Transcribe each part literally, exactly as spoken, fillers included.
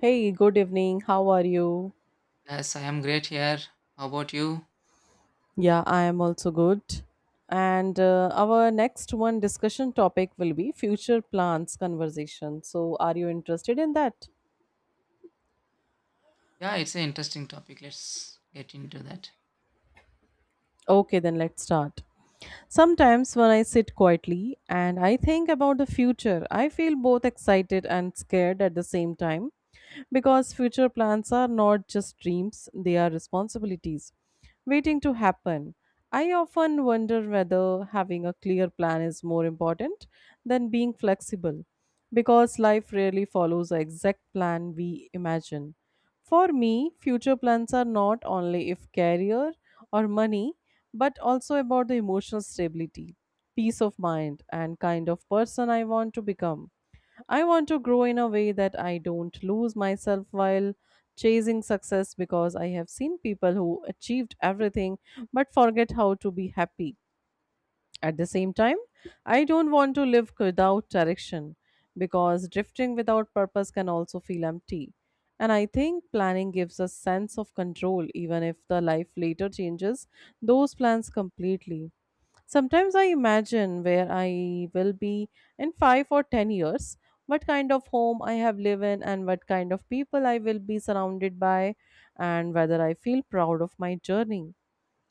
Hey, good evening. How are you? Yes, I am great here. How about you? Yeah, I am also good. And uh, our next one discussion topic will be future plans conversation. So, are you interested in that? Yeah, it's an interesting topic. Let's get into that. Okay, then let's start. Sometimes when I sit quietly and I think about the future, I feel both excited and scared at the same time because future plans are not just dreams, they are responsibilities waiting to happen. I often wonder whether having a clear plan is more important than being flexible because life rarely follows the exact plan we imagine. For me, future plans are not only if career or money, but also about the emotional stability, peace of mind, and kind of person I want to become. I want to grow in a way that I don't lose myself while chasing success because I have seen people who achieved everything but forget how to be happy. At the same time, I don't want to live without direction because drifting without purpose can also feel empty. And I think planning gives a sense of control even if the life later changes those plans completely. Sometimes I imagine where I will be in five or ten years, what kind of home I have lived in, and what kind of people I will be surrounded by, and whether I feel proud of my journey.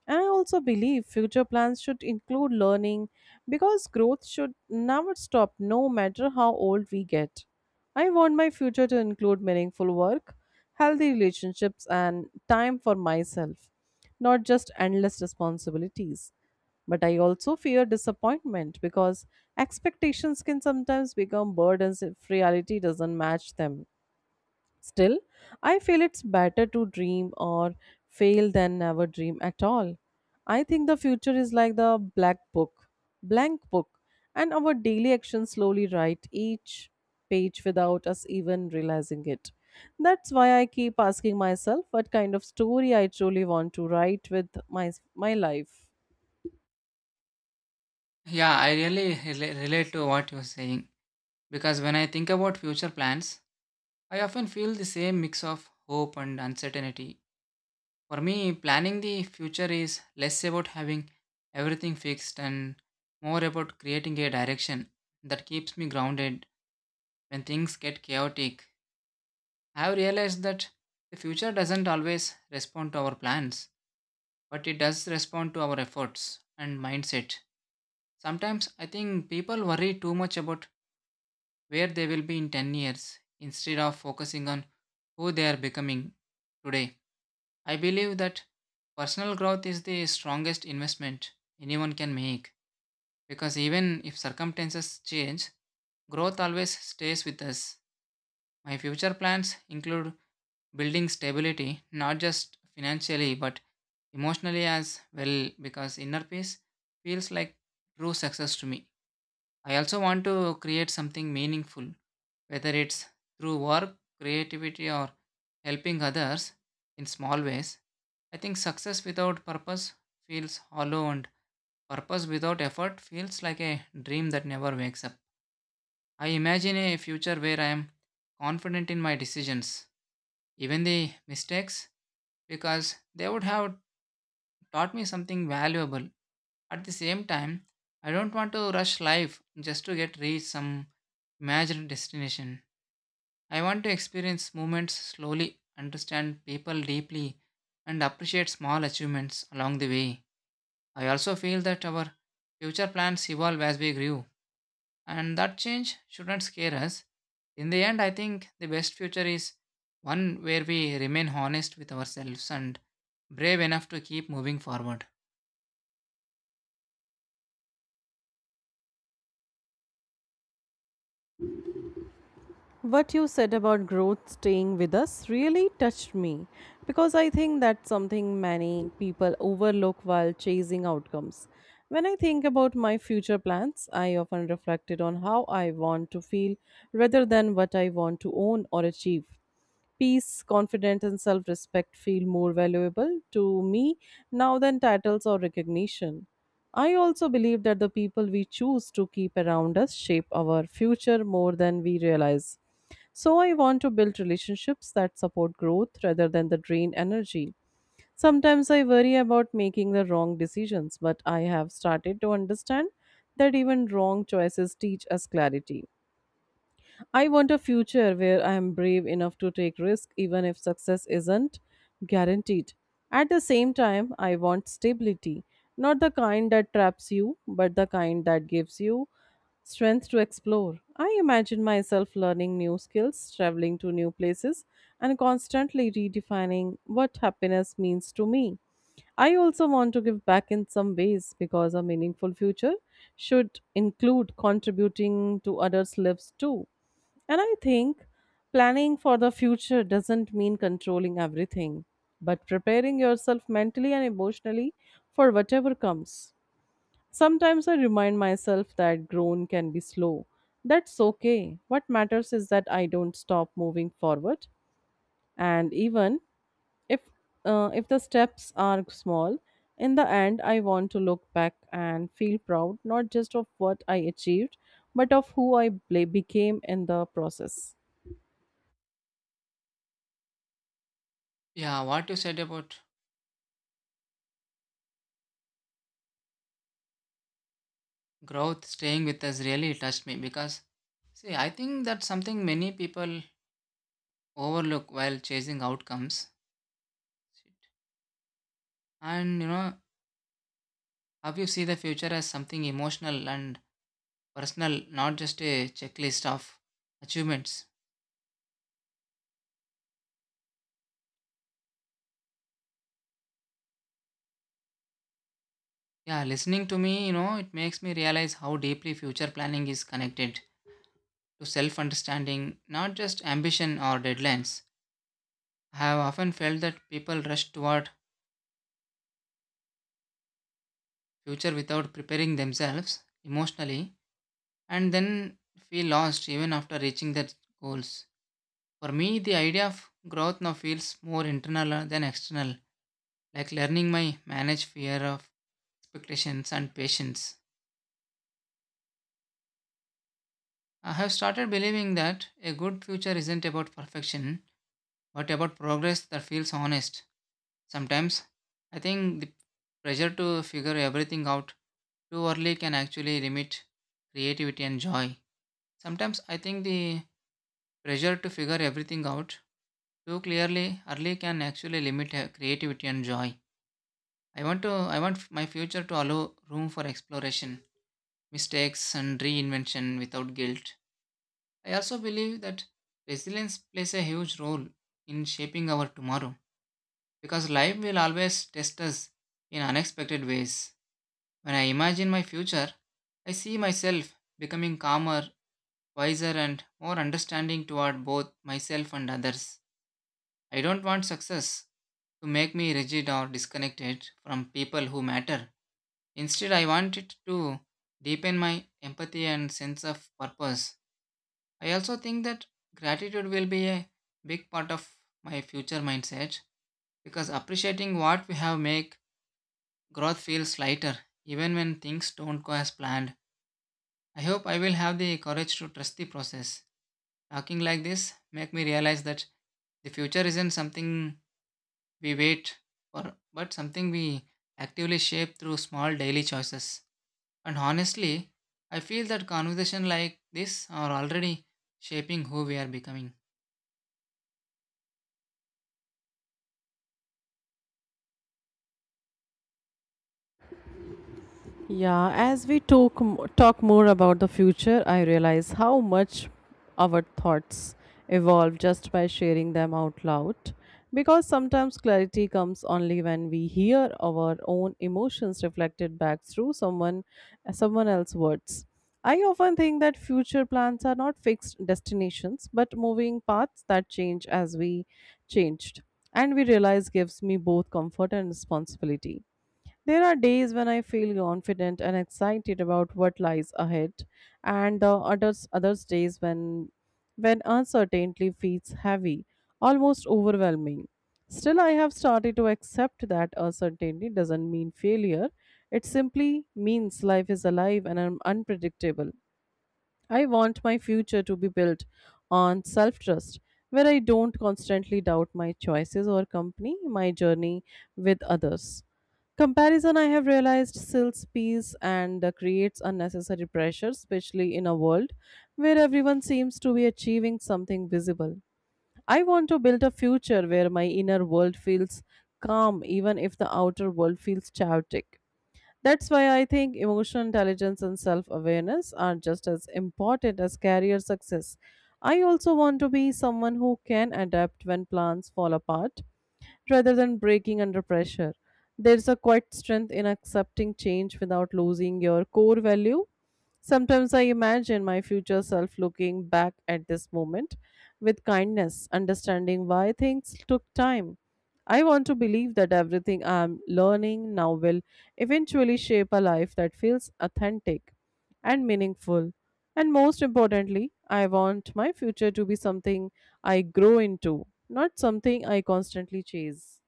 And I also believe future plans should include learning because growth should never stop, no matter how old we get. I want my future to include meaningful work, healthy relationships, and time for myself, not just endless responsibilities. But I also fear disappointment because expectations can sometimes become burdens if reality doesn't match them. Still, I feel it's better to dream or fail than never dream at all. I think the future is like the black book, blank book, and our daily actions slowly write each page without us even realizing it. That's why I keep asking myself what kind of story I truly want to write with my my life. Yeah, I really rela- relate to what you're saying because when I think about future plans, I often feel the same mix of hope and uncertainty. For me, planning the future is less about having everything fixed and more about creating a direction that keeps me grounded when things get chaotic. I have realized that the future doesn't always respond to our plans but it does respond to our efforts and mindset. Sometimes I think people worry too much about where they will be in ten years instead of focusing on who they are becoming today. I believe that personal growth is the strongest investment anyone can make because even if circumstances change, growth always stays with us. My future plans include building stability, not just financially, but emotionally as well, because inner peace feels like true success to me. I also want to create something meaningful, whether it's through work, creativity, or helping others in small ways. I think success without purpose feels hollow, and purpose without effort feels like a dream that never wakes up. I imagine a future where I am confident in my decisions even the mistakes, because they would have taught me something valuable. At the same time, I don't want to rush life just to get reach some imagined destination. I want to experience moments slowly, understand people deeply, and appreciate small achievements along the way. I also feel that our future plans evolve as we grew and that change shouldn't scare us. In the end, I think the best future is one where we remain honest with ourselves and brave enough to keep moving forward. What you said about growth staying with us really touched me because I think that's something many people overlook while chasing outcomes. When I think about my future plans, I often reflected on how I want to feel rather than what I want to own or achieve. Peace, confidence, and self respect feel more valuable to me now than titles or recognition. I also believe that the people we choose to keep around us shape our future more than we realize. So I want to build relationships that support growth rather than the drain energy. Sometimes I worry about making the wrong decisions, but I have started to understand that even wrong choices teach us clarity. I want a future where I am brave enough to take risks even if success isn't guaranteed. At the same time, I want stability, not the kind that traps you, but the kind that gives you strength to explore. I imagine myself learning new skills, traveling to new places, and constantly redefining what happiness means to me. I also want to give back in some ways because a meaningful future should include contributing to others' lives too. And I think planning for the future doesn't mean controlling everything, but preparing yourself mentally and emotionally for whatever comes. Sometimes I remind myself that grown can be slow. That's okay. What matters is that I don't stop moving forward. And even if uh, if the steps are small, in the end I want to look back and feel proud not just of what I achieved, but of who I bla- became in the process. Yeah, what you said about growth staying with us really touched me because, see, I think that's something many people overlook while chasing outcomes. And you know how you see the future as something emotional and personal, not just a checklist of achievements. Yeah, listening to me, you know, it makes me realize how deeply future planning is connected to self understanding, not just ambition or deadlines. I have often felt that people rush toward future without preparing themselves emotionally and then feel lost even after reaching their goals. For me, the idea of growth now feels more internal than external, like learning my manage fear of expectations and patience. I have started believing that a good future isn't about perfection. What about progress that feels honest? Sometimes I think the pressure to figure everything out too early can actually limit creativity and joy. Sometimes I think the pressure to figure everything out too clearly early can actually limit uh, creativity and joy. I want to I want f- my future to allow room for exploration, mistakes and reinvention without guilt. I also believe that resilience plays a huge role in shaping our tomorrow, because life will always test us in unexpected ways. When I imagine my future, I see myself becoming calmer, wiser, and more understanding toward both myself and others. I don't want success to make me rigid or disconnected from people who matter. Instead, I want it to deepen my empathy and sense of purpose. I also think that gratitude will be a big part of my future mindset because appreciating what we have make growth feels lighter, even when things don't go as planned. I hope I will have the courage to trust the process. Talking like this make me realize that the future isn't something we wait for, but something we actively shape through small daily choices. And honestly, I feel that conversation like this are already shaping who we are becoming. Yeah, as we talk m- talk more about the future, I realize how much our thoughts evolve just by sharing them out loud. Because sometimes clarity comes only when we hear our own emotions reflected back through someone someone else's words. I often think that future plans are not fixed destinations but moving paths that change as we changed. And we realize gives me both comfort and responsibility there are days when I feel confident and excited about what lies ahead, and the others others days when when uncertainty feels heavy, almost overwhelming. Still, I have started to accept that uncertainty doesn't mean failure. It simply means life is alive and un- unpredictable. I want my future to be built on self trust, where I don't constantly doubt my choices or company, my journey with others. Comparison, I have realized, sells peace and uh, creates unnecessary pressure, especially in a world where everyone seems to be achieving something visible. I want to build a future where my inner world feels calm, even if the outer world feels chaotic. That's why I think emotional intelligence and self awareness are just as important as career success. I also want to be someone who can adapt when plans fall apart rather than breaking under pressure. There's a quiet strength in accepting change without losing your core value. Sometimes I imagine my future self looking back at this moment with kindness, understanding why things took time. I want to believe that everything I am learning now will eventually shape a life that feels authentic and meaningful. And most importantly, I want my future to be something I grow into, not something I constantly chase.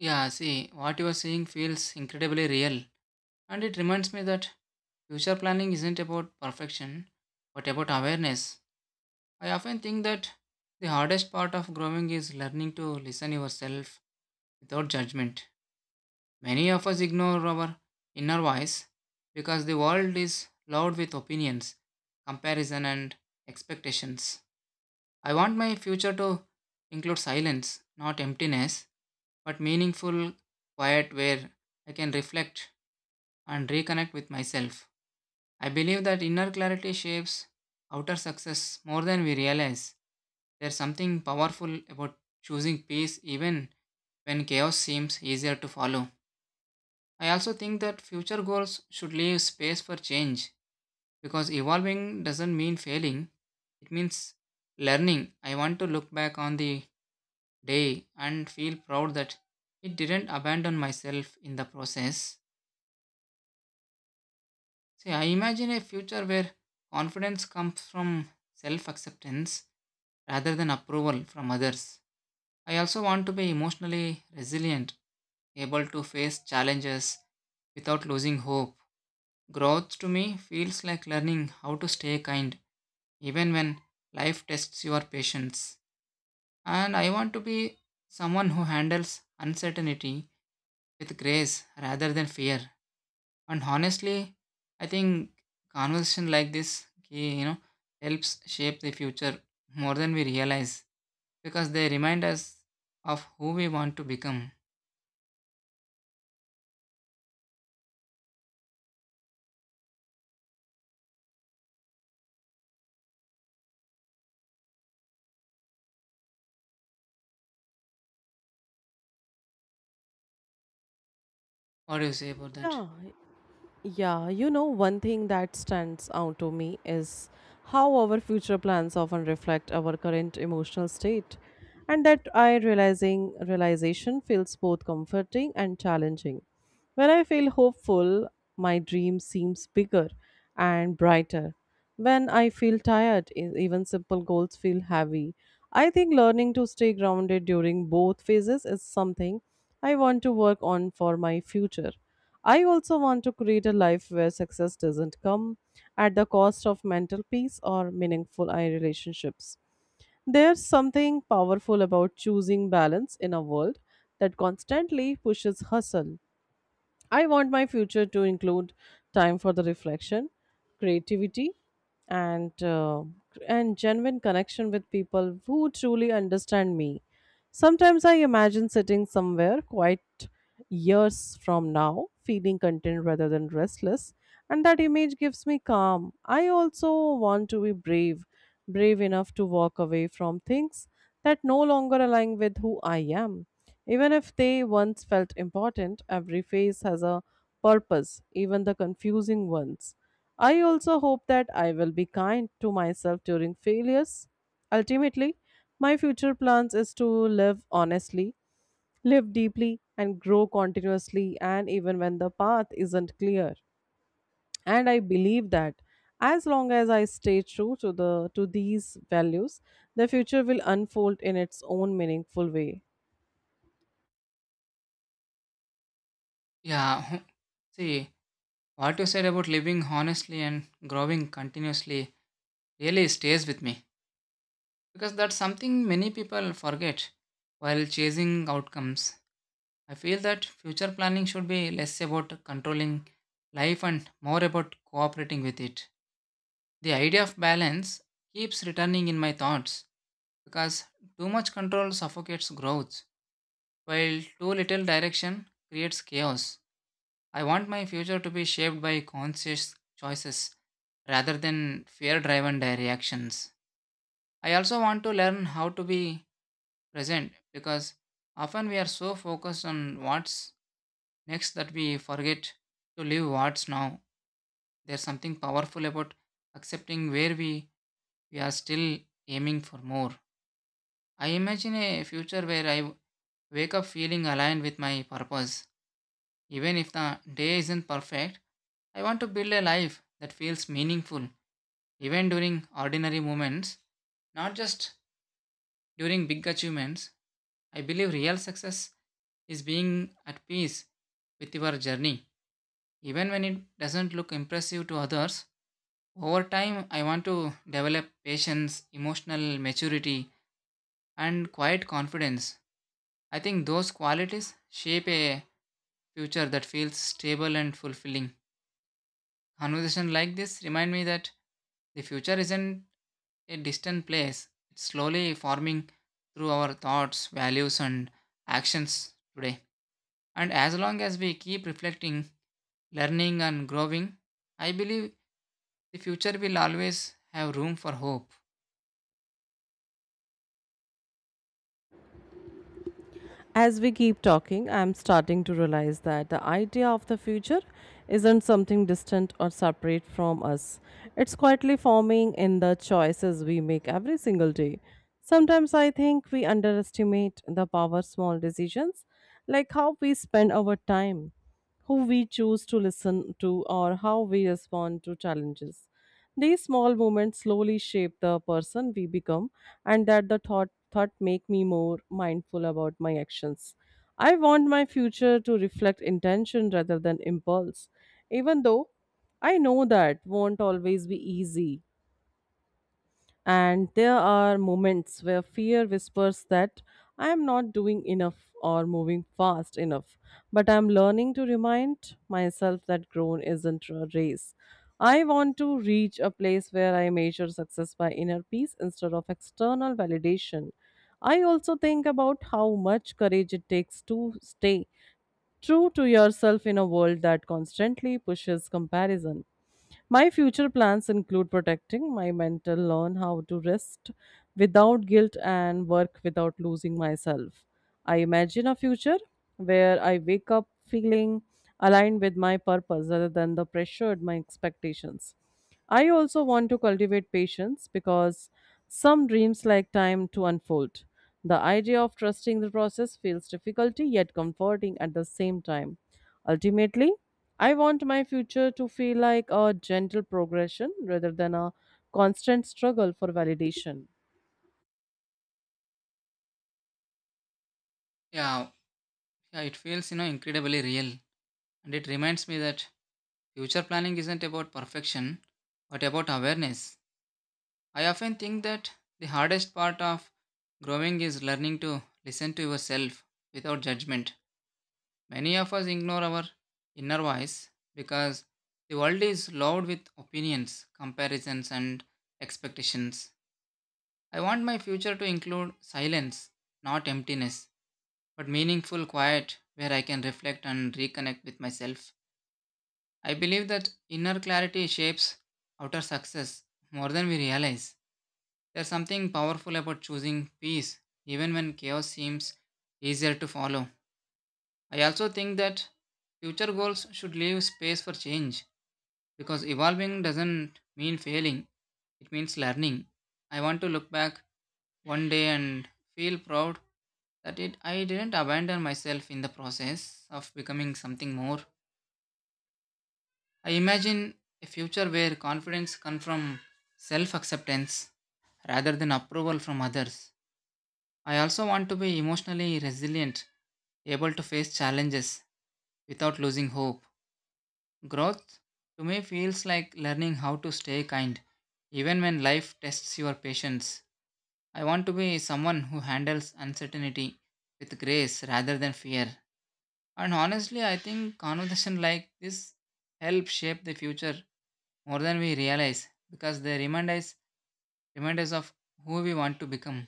Yeah, see, what you are saying feels incredibly real, and it reminds me that future planning isn't about perfection, but about awareness. I often think that the hardest part of growing is learning to listen yourself without judgment. Many of us ignore our inner voice because the world is loud with opinions, comparison and expectations. I want my future to include silence, not emptiness, but meaningful quiet where I can reflect and reconnect with myself. I believe that inner clarity shapes outer success more than we realize. There's something powerful about choosing peace even when chaos seems easier to follow. I also think that future goals should leave space for change because evolving doesn't mean failing, it means learning. I want to look back on the day and feel proud that it didn't abandon myself in the process. See, I imagine a future where confidence comes from self acceptance rather than approval from others. I also want to be emotionally resilient, able to face challenges without losing hope. Growth to me feels like learning how to stay kind even when life tests your patience. And I want to be someone who handles uncertainty with grace rather than fear. And honestly, I think conversation like this, ki- you know, helps shape the future more than we realize because they remind us of who we want to become. What do you say about that? Yeah, yeah, you know, one thing that stands out to me is how our future plans often reflect our current emotional state. And that I realizing realization feels both comforting and challenging. When I feel hopeful, my dream seems bigger and brighter. When I feel tired, e- even simple goals feel heavy. I think learning to stay grounded during both phases is something I want to work on for my future. I also want to create a life where success doesn't come at the cost of mental peace or meaningful I relationships. There's something powerful about choosing balance in a world that constantly pushes hustle. I want my future to include time for the reflection, creativity, and uh, and genuine connection with people who truly understand me. Sometimes I imagine sitting somewhere quite years from now, feeling content rather than restless, and that image gives me calm. I also want to be brave, brave enough to walk away from things that no longer align with who I am. Even if they once felt important, every phase has a purpose, even the confusing ones. I also hope that I will be kind to myself during failures. Ultimately, my future plans is to live honestly, live deeply, and grow continuously, and even when the path isn't clear. And I believe that as long as I stay true to the to these values, the future will unfold in its own meaningful way. Yeah, see, what you said about living honestly and growing continuously really stays with me because that's something many people forget while chasing outcomes. I feel that future planning should be less about controlling life and more about cooperating with it. The idea of balance keeps returning in my thoughts because too much control suffocates growth, while too little direction creates chaos. I want my future to be shaped by conscious choices rather than fear driven reactions. I also want to learn how to be present because often we are so focused on what's next that we forget to live what's now. There's something powerful about accepting where we, we are still aiming for more. I imagine a future where I w- wake up feeling aligned with my purpose. Even if the day isn't perfect, I want to build a life that feels meaningful, even during ordinary moments, not just during big achievements. I believe real success is being at peace with your journey, even when it doesn't look impressive to others. Over time, I want to develop patience, emotional maturity, and quiet confidence. I think those qualities shape a future that feels stable and fulfilling. Conversations like this remind me that the future isn't a distant place, it's slowly forming through our thoughts, values, and actions today. And as long as we keep reflecting, learning, and growing, I believe the future will always have room for hope. As we keep talking, I'm starting to realize that the idea of the future isn't something distant or separate from us. It's quietly forming in the choices we make every single day. Sometimes I think we underestimate the power of small decisions, like how we spend our time, who we choose to listen to, or how we respond to challenges. These small moments slowly shape the person we become, and that the thought thought make me more mindful about my actions. I want my future to reflect intention rather than impulse, even though I know that won't always be easy. And there are moments where fear whispers that I am not doing enough or moving fast enough. But I am learning to remind myself that grown isn't a race. I want to reach a place where I measure success by inner peace instead of external validation. I also think about how much courage it takes to stay true to yourself in a world that constantly pushes comparison. My future plans include protecting my mental, learn how to rest without guilt, and work without losing myself. I imagine a future where I wake up feeling aligned with my purpose rather than the pressured my expectations. I also want to cultivate patience because some dreams like time to unfold. The idea of trusting the process feels difficult yet comforting at the same time. Ultimately, I want my future to feel like a gentle progression rather than a constant struggle for validation. Yeah, yeah it feels, you know, incredibly real. And it reminds me that future planning isn't about perfection, but about awareness. I often think that the hardest part of growing is learning to listen to yourself without judgment. Many of us ignore our inner voice because the world is loaded with opinions, comparisons, and expectations. I want my future to include silence, not emptiness, but meaningful quiet where I can reflect and reconnect with myself. I believe that inner clarity shapes outer success more than we realize. There's something powerful about choosing peace, even when chaos seems easier to follow. I also think that future goals should leave space for change because evolving doesn't mean failing, it means learning. I want to look back one day and feel proud that it, I didn't abandon myself in the process of becoming something more. I imagine a future where confidence comes from self acceptance rather than approval from others. I also want to be emotionally resilient, able to face challenges without losing hope. Growth to me feels like learning how to stay kind even when life tests your patience. I want to be someone who handles uncertainty with grace rather than fear. And honestly, I think conversation like this help shape the future more than we realize because they remind us remind us of who we want to become.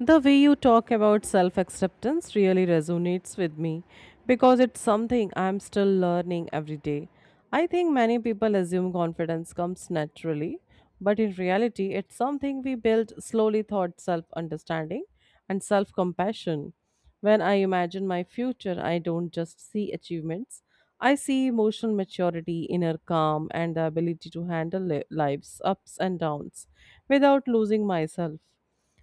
The way you talk about self acceptance really resonates with me because it's something I'm still learning every day. I think many people assume confidence comes naturally, but in reality, it's something we build slowly through self understanding and self compassion. When I imagine my future, I don't just see achievements, I see emotional maturity, inner calm, and the ability to handle li- life's ups and downs without losing myself.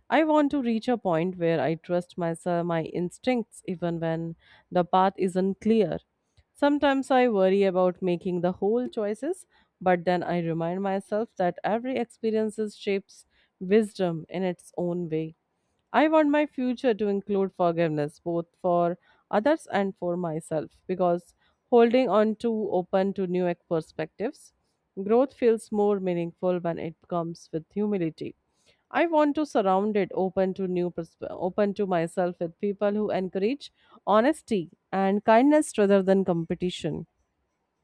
I want to reach a point where I trust myself, my instincts, even when the path isn't clear. Sometimes I worry about making the whole choices, but then I remind myself that every experience shapes wisdom in its own way. I want my future to include forgiveness, both for others and for myself, because holding on to open to new ex- perspectives, growth feels more meaningful when it comes with humility. I want to surround it open to new persp- open to myself with people who encourage honesty and kindness rather than competition.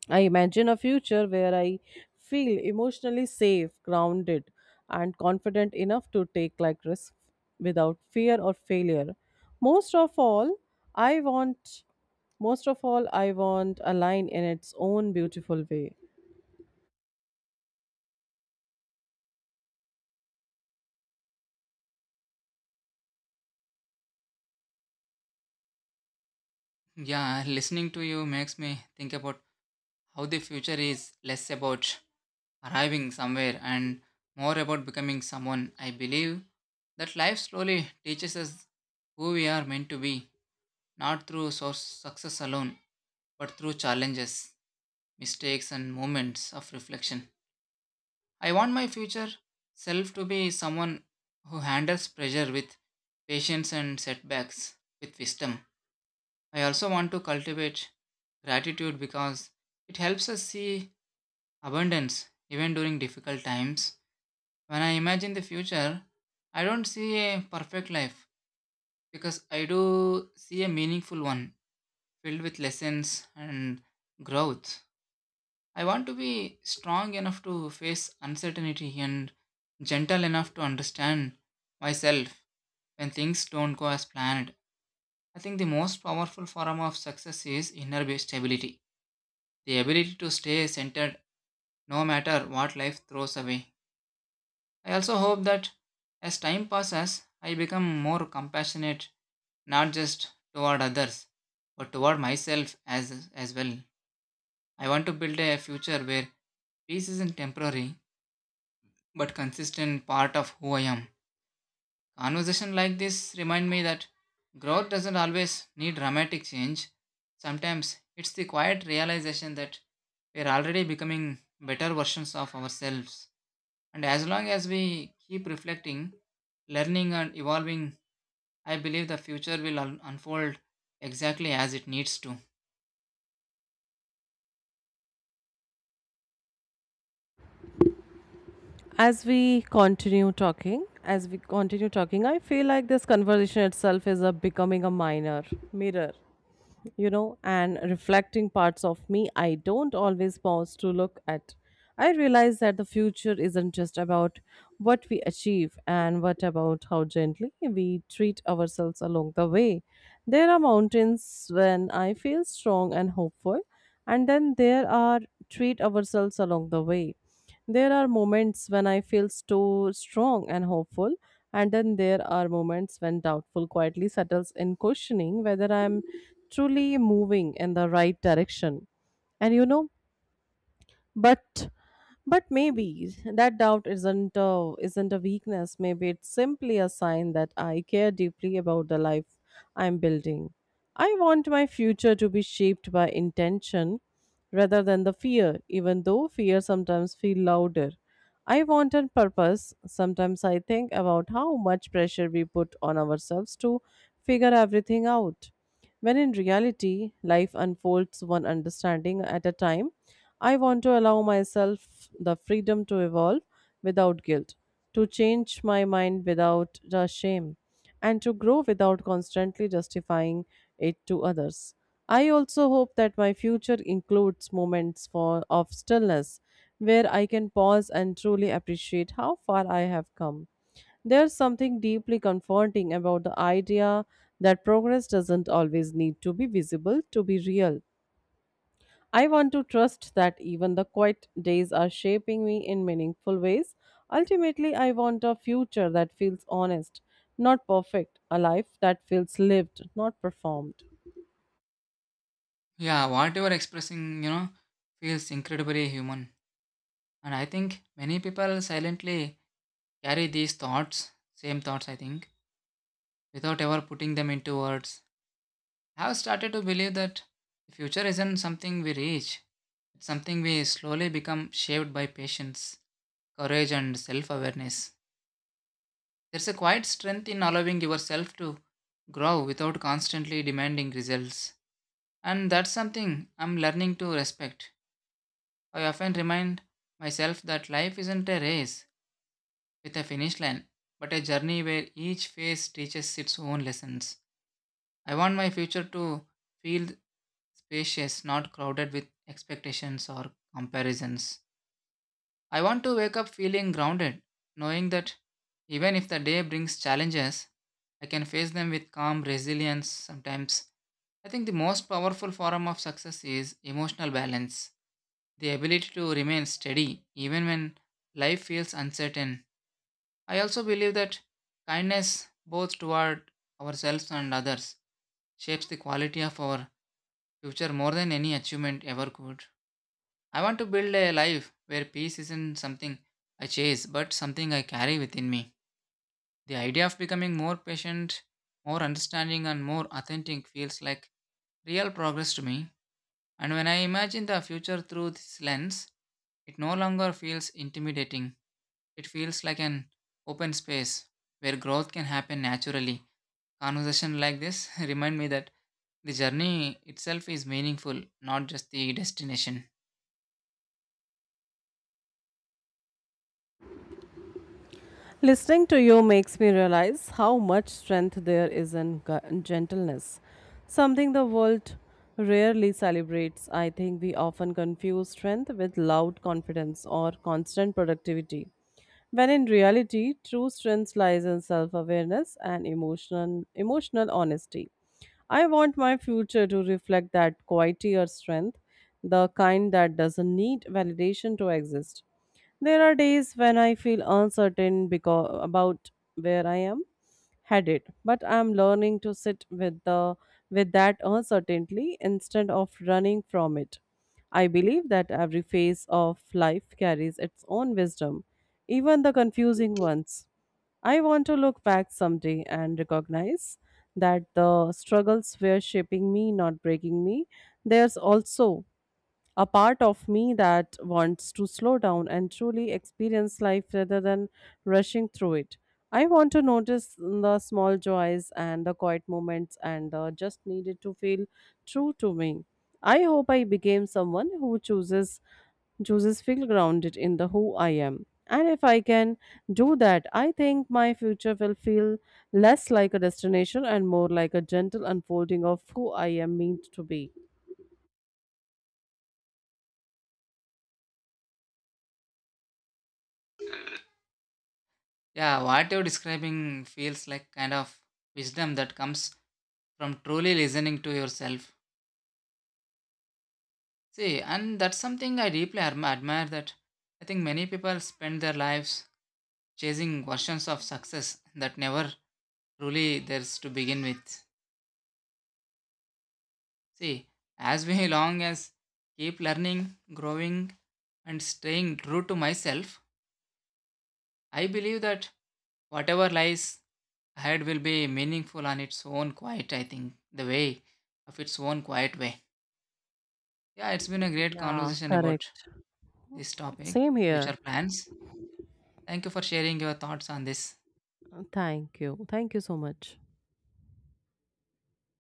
I imagine a future where I feel emotionally safe, grounded, and confident enough to take like risks without fear or failure. Most of all, I want most of all I want a line in its own beautiful way. Yeah, listening to you makes me think about how the future is less about arriving somewhere and more about becoming someone. I believe that life slowly teaches us who we are meant to be, not through source success alone, but through challenges, mistakes, and moments of reflection. I want my future self to be someone who handles pressure with patience and setbacks with wisdom. I also want to cultivate gratitude because it helps us see abundance even during difficult times. When I imagine the future, I don't see a perfect life because I do see a meaningful one filled with lessons and growth. I want to be strong enough to face uncertainty and gentle enough to understand myself when things don't go as planned. I think the most powerful form of success is inner based stability, the ability to stay centered no matter what life throws away. I also hope that as time passes, I become more compassionate not just toward others but toward myself as as well. I want to build a future where peace isn't temporary but consistent part of who I am. Conversation like this remind me that growth doesn't always need dramatic change. Sometimes it's the quiet realization that we're already becoming better versions of ourselves. And as long as we keep reflecting, learning, and evolving, I believe the future will un- unfold exactly as it needs to. As we continue talking, as we continue talking, I feel like this conversation itself is a becoming a minor mirror, you know, and reflecting parts of me I don't always pause to look at. I realize that the future isn't just about what we achieve and what about how gently we treat ourselves along the way. There are mountains when I feel strong and hopeful, and then there are treat ourselves along the way. There are moments when I feel so strong and hopeful, and then there are moments when doubtful quietly settles in, questioning whether I am truly moving in the right direction. And you know, but but maybe that doubt isn't a, isn't a weakness. Maybe it's simply a sign that I care deeply about the life I'm building. I want my future to be shaped by intention rather than the fear, even though fear sometimes feel louder. I want a purpose. Sometimes I think about how much pressure we put on ourselves to figure everything out when in reality life unfolds one understanding at a time. I want to allow myself the freedom to evolve without guilt, to change my mind without the shame, and to grow without constantly justifying it to others. I also hope that my future includes moments for, of stillness where I can pause and truly appreciate how far I have come. There's something deeply comforting about the idea that progress doesn't always need to be visible to be real. I want to trust that even the quiet days are shaping me in meaningful ways. Ultimately, I want a future that feels honest, not perfect, a life that feels lived, not performed. Yeah, what you are expressing, you know, feels incredibly human. And I think many people silently carry these thoughts, same thoughts, I think, without ever putting them into words. I have started to believe that the future isn't something we reach, it's something we slowly become shaped by patience, courage, and self awareness. There's a quiet strength in allowing yourself to grow without constantly demanding results. And that's something I'm learning to respect. I often remind myself that life isn't a race with a finish line, but a journey where each phase teaches its own lessons. I want my future to feel spacious, not crowded with expectations or comparisons. I want to wake up feeling grounded, knowing that even if the day brings challenges, I can face them with calm resilience sometimes. I think the most powerful form of success is emotional balance, the ability to remain steady even when life feels uncertain. I also believe that kindness, both toward ourselves and others, shapes the quality of our future more than any achievement ever could. I want to build a life where peace isn't something I chase, but something I carry within me. The idea of becoming more patient, more understanding, and more authentic feels like real progress to me. And when I imagine the future through this lens, it no longer feels intimidating. It feels like an open space where growth can happen naturally. Conversation like this remind me that the journey itself is meaningful, not just the destination. Listening to you makes me realize how much strength there is in gu- gentleness, something the world rarely celebrates. I think we often confuse strength with loud confidence or constant productivity, when in reality, true strength lies in self awareness and emotional, emotional honesty. I want my future to reflect that quieter strength, the kind that doesn't need validation to exist. There are days when I feel uncertain because about where I am headed, but I'm learning to sit with the with that uncertainty instead of running from it. I believe that every phase of life carries its own wisdom, even the confusing ones. I want to look back someday and recognize that the struggles were shaping me, not breaking me. There's also a part of me that wants to slow down and truly experience life rather than rushing through it. I want to notice the small joys and the quiet moments and uh, just needed to feel true to me. I hope I became someone who chooses chooses feel grounded in the who I am. And if I can do that, I think my future will feel less like a destination and more like a gentle unfolding of who I am meant to be. Yeah, what you're describing feels like kind of wisdom that comes from truly listening to yourself. See, and that's something I deeply adm- admire. That I think many people spend their lives chasing versions of success that never truly theirs to begin with. See, as we long as keep learning, growing, and staying true to myself, I believe that whatever lies ahead will be meaningful on its own quiet, I think, the way of its own quiet way. Yeah, it's been a great Yeah, conversation about correct. this topic, Same here. future plans. Thank you for sharing your thoughts on this. Thank you. Thank you so much.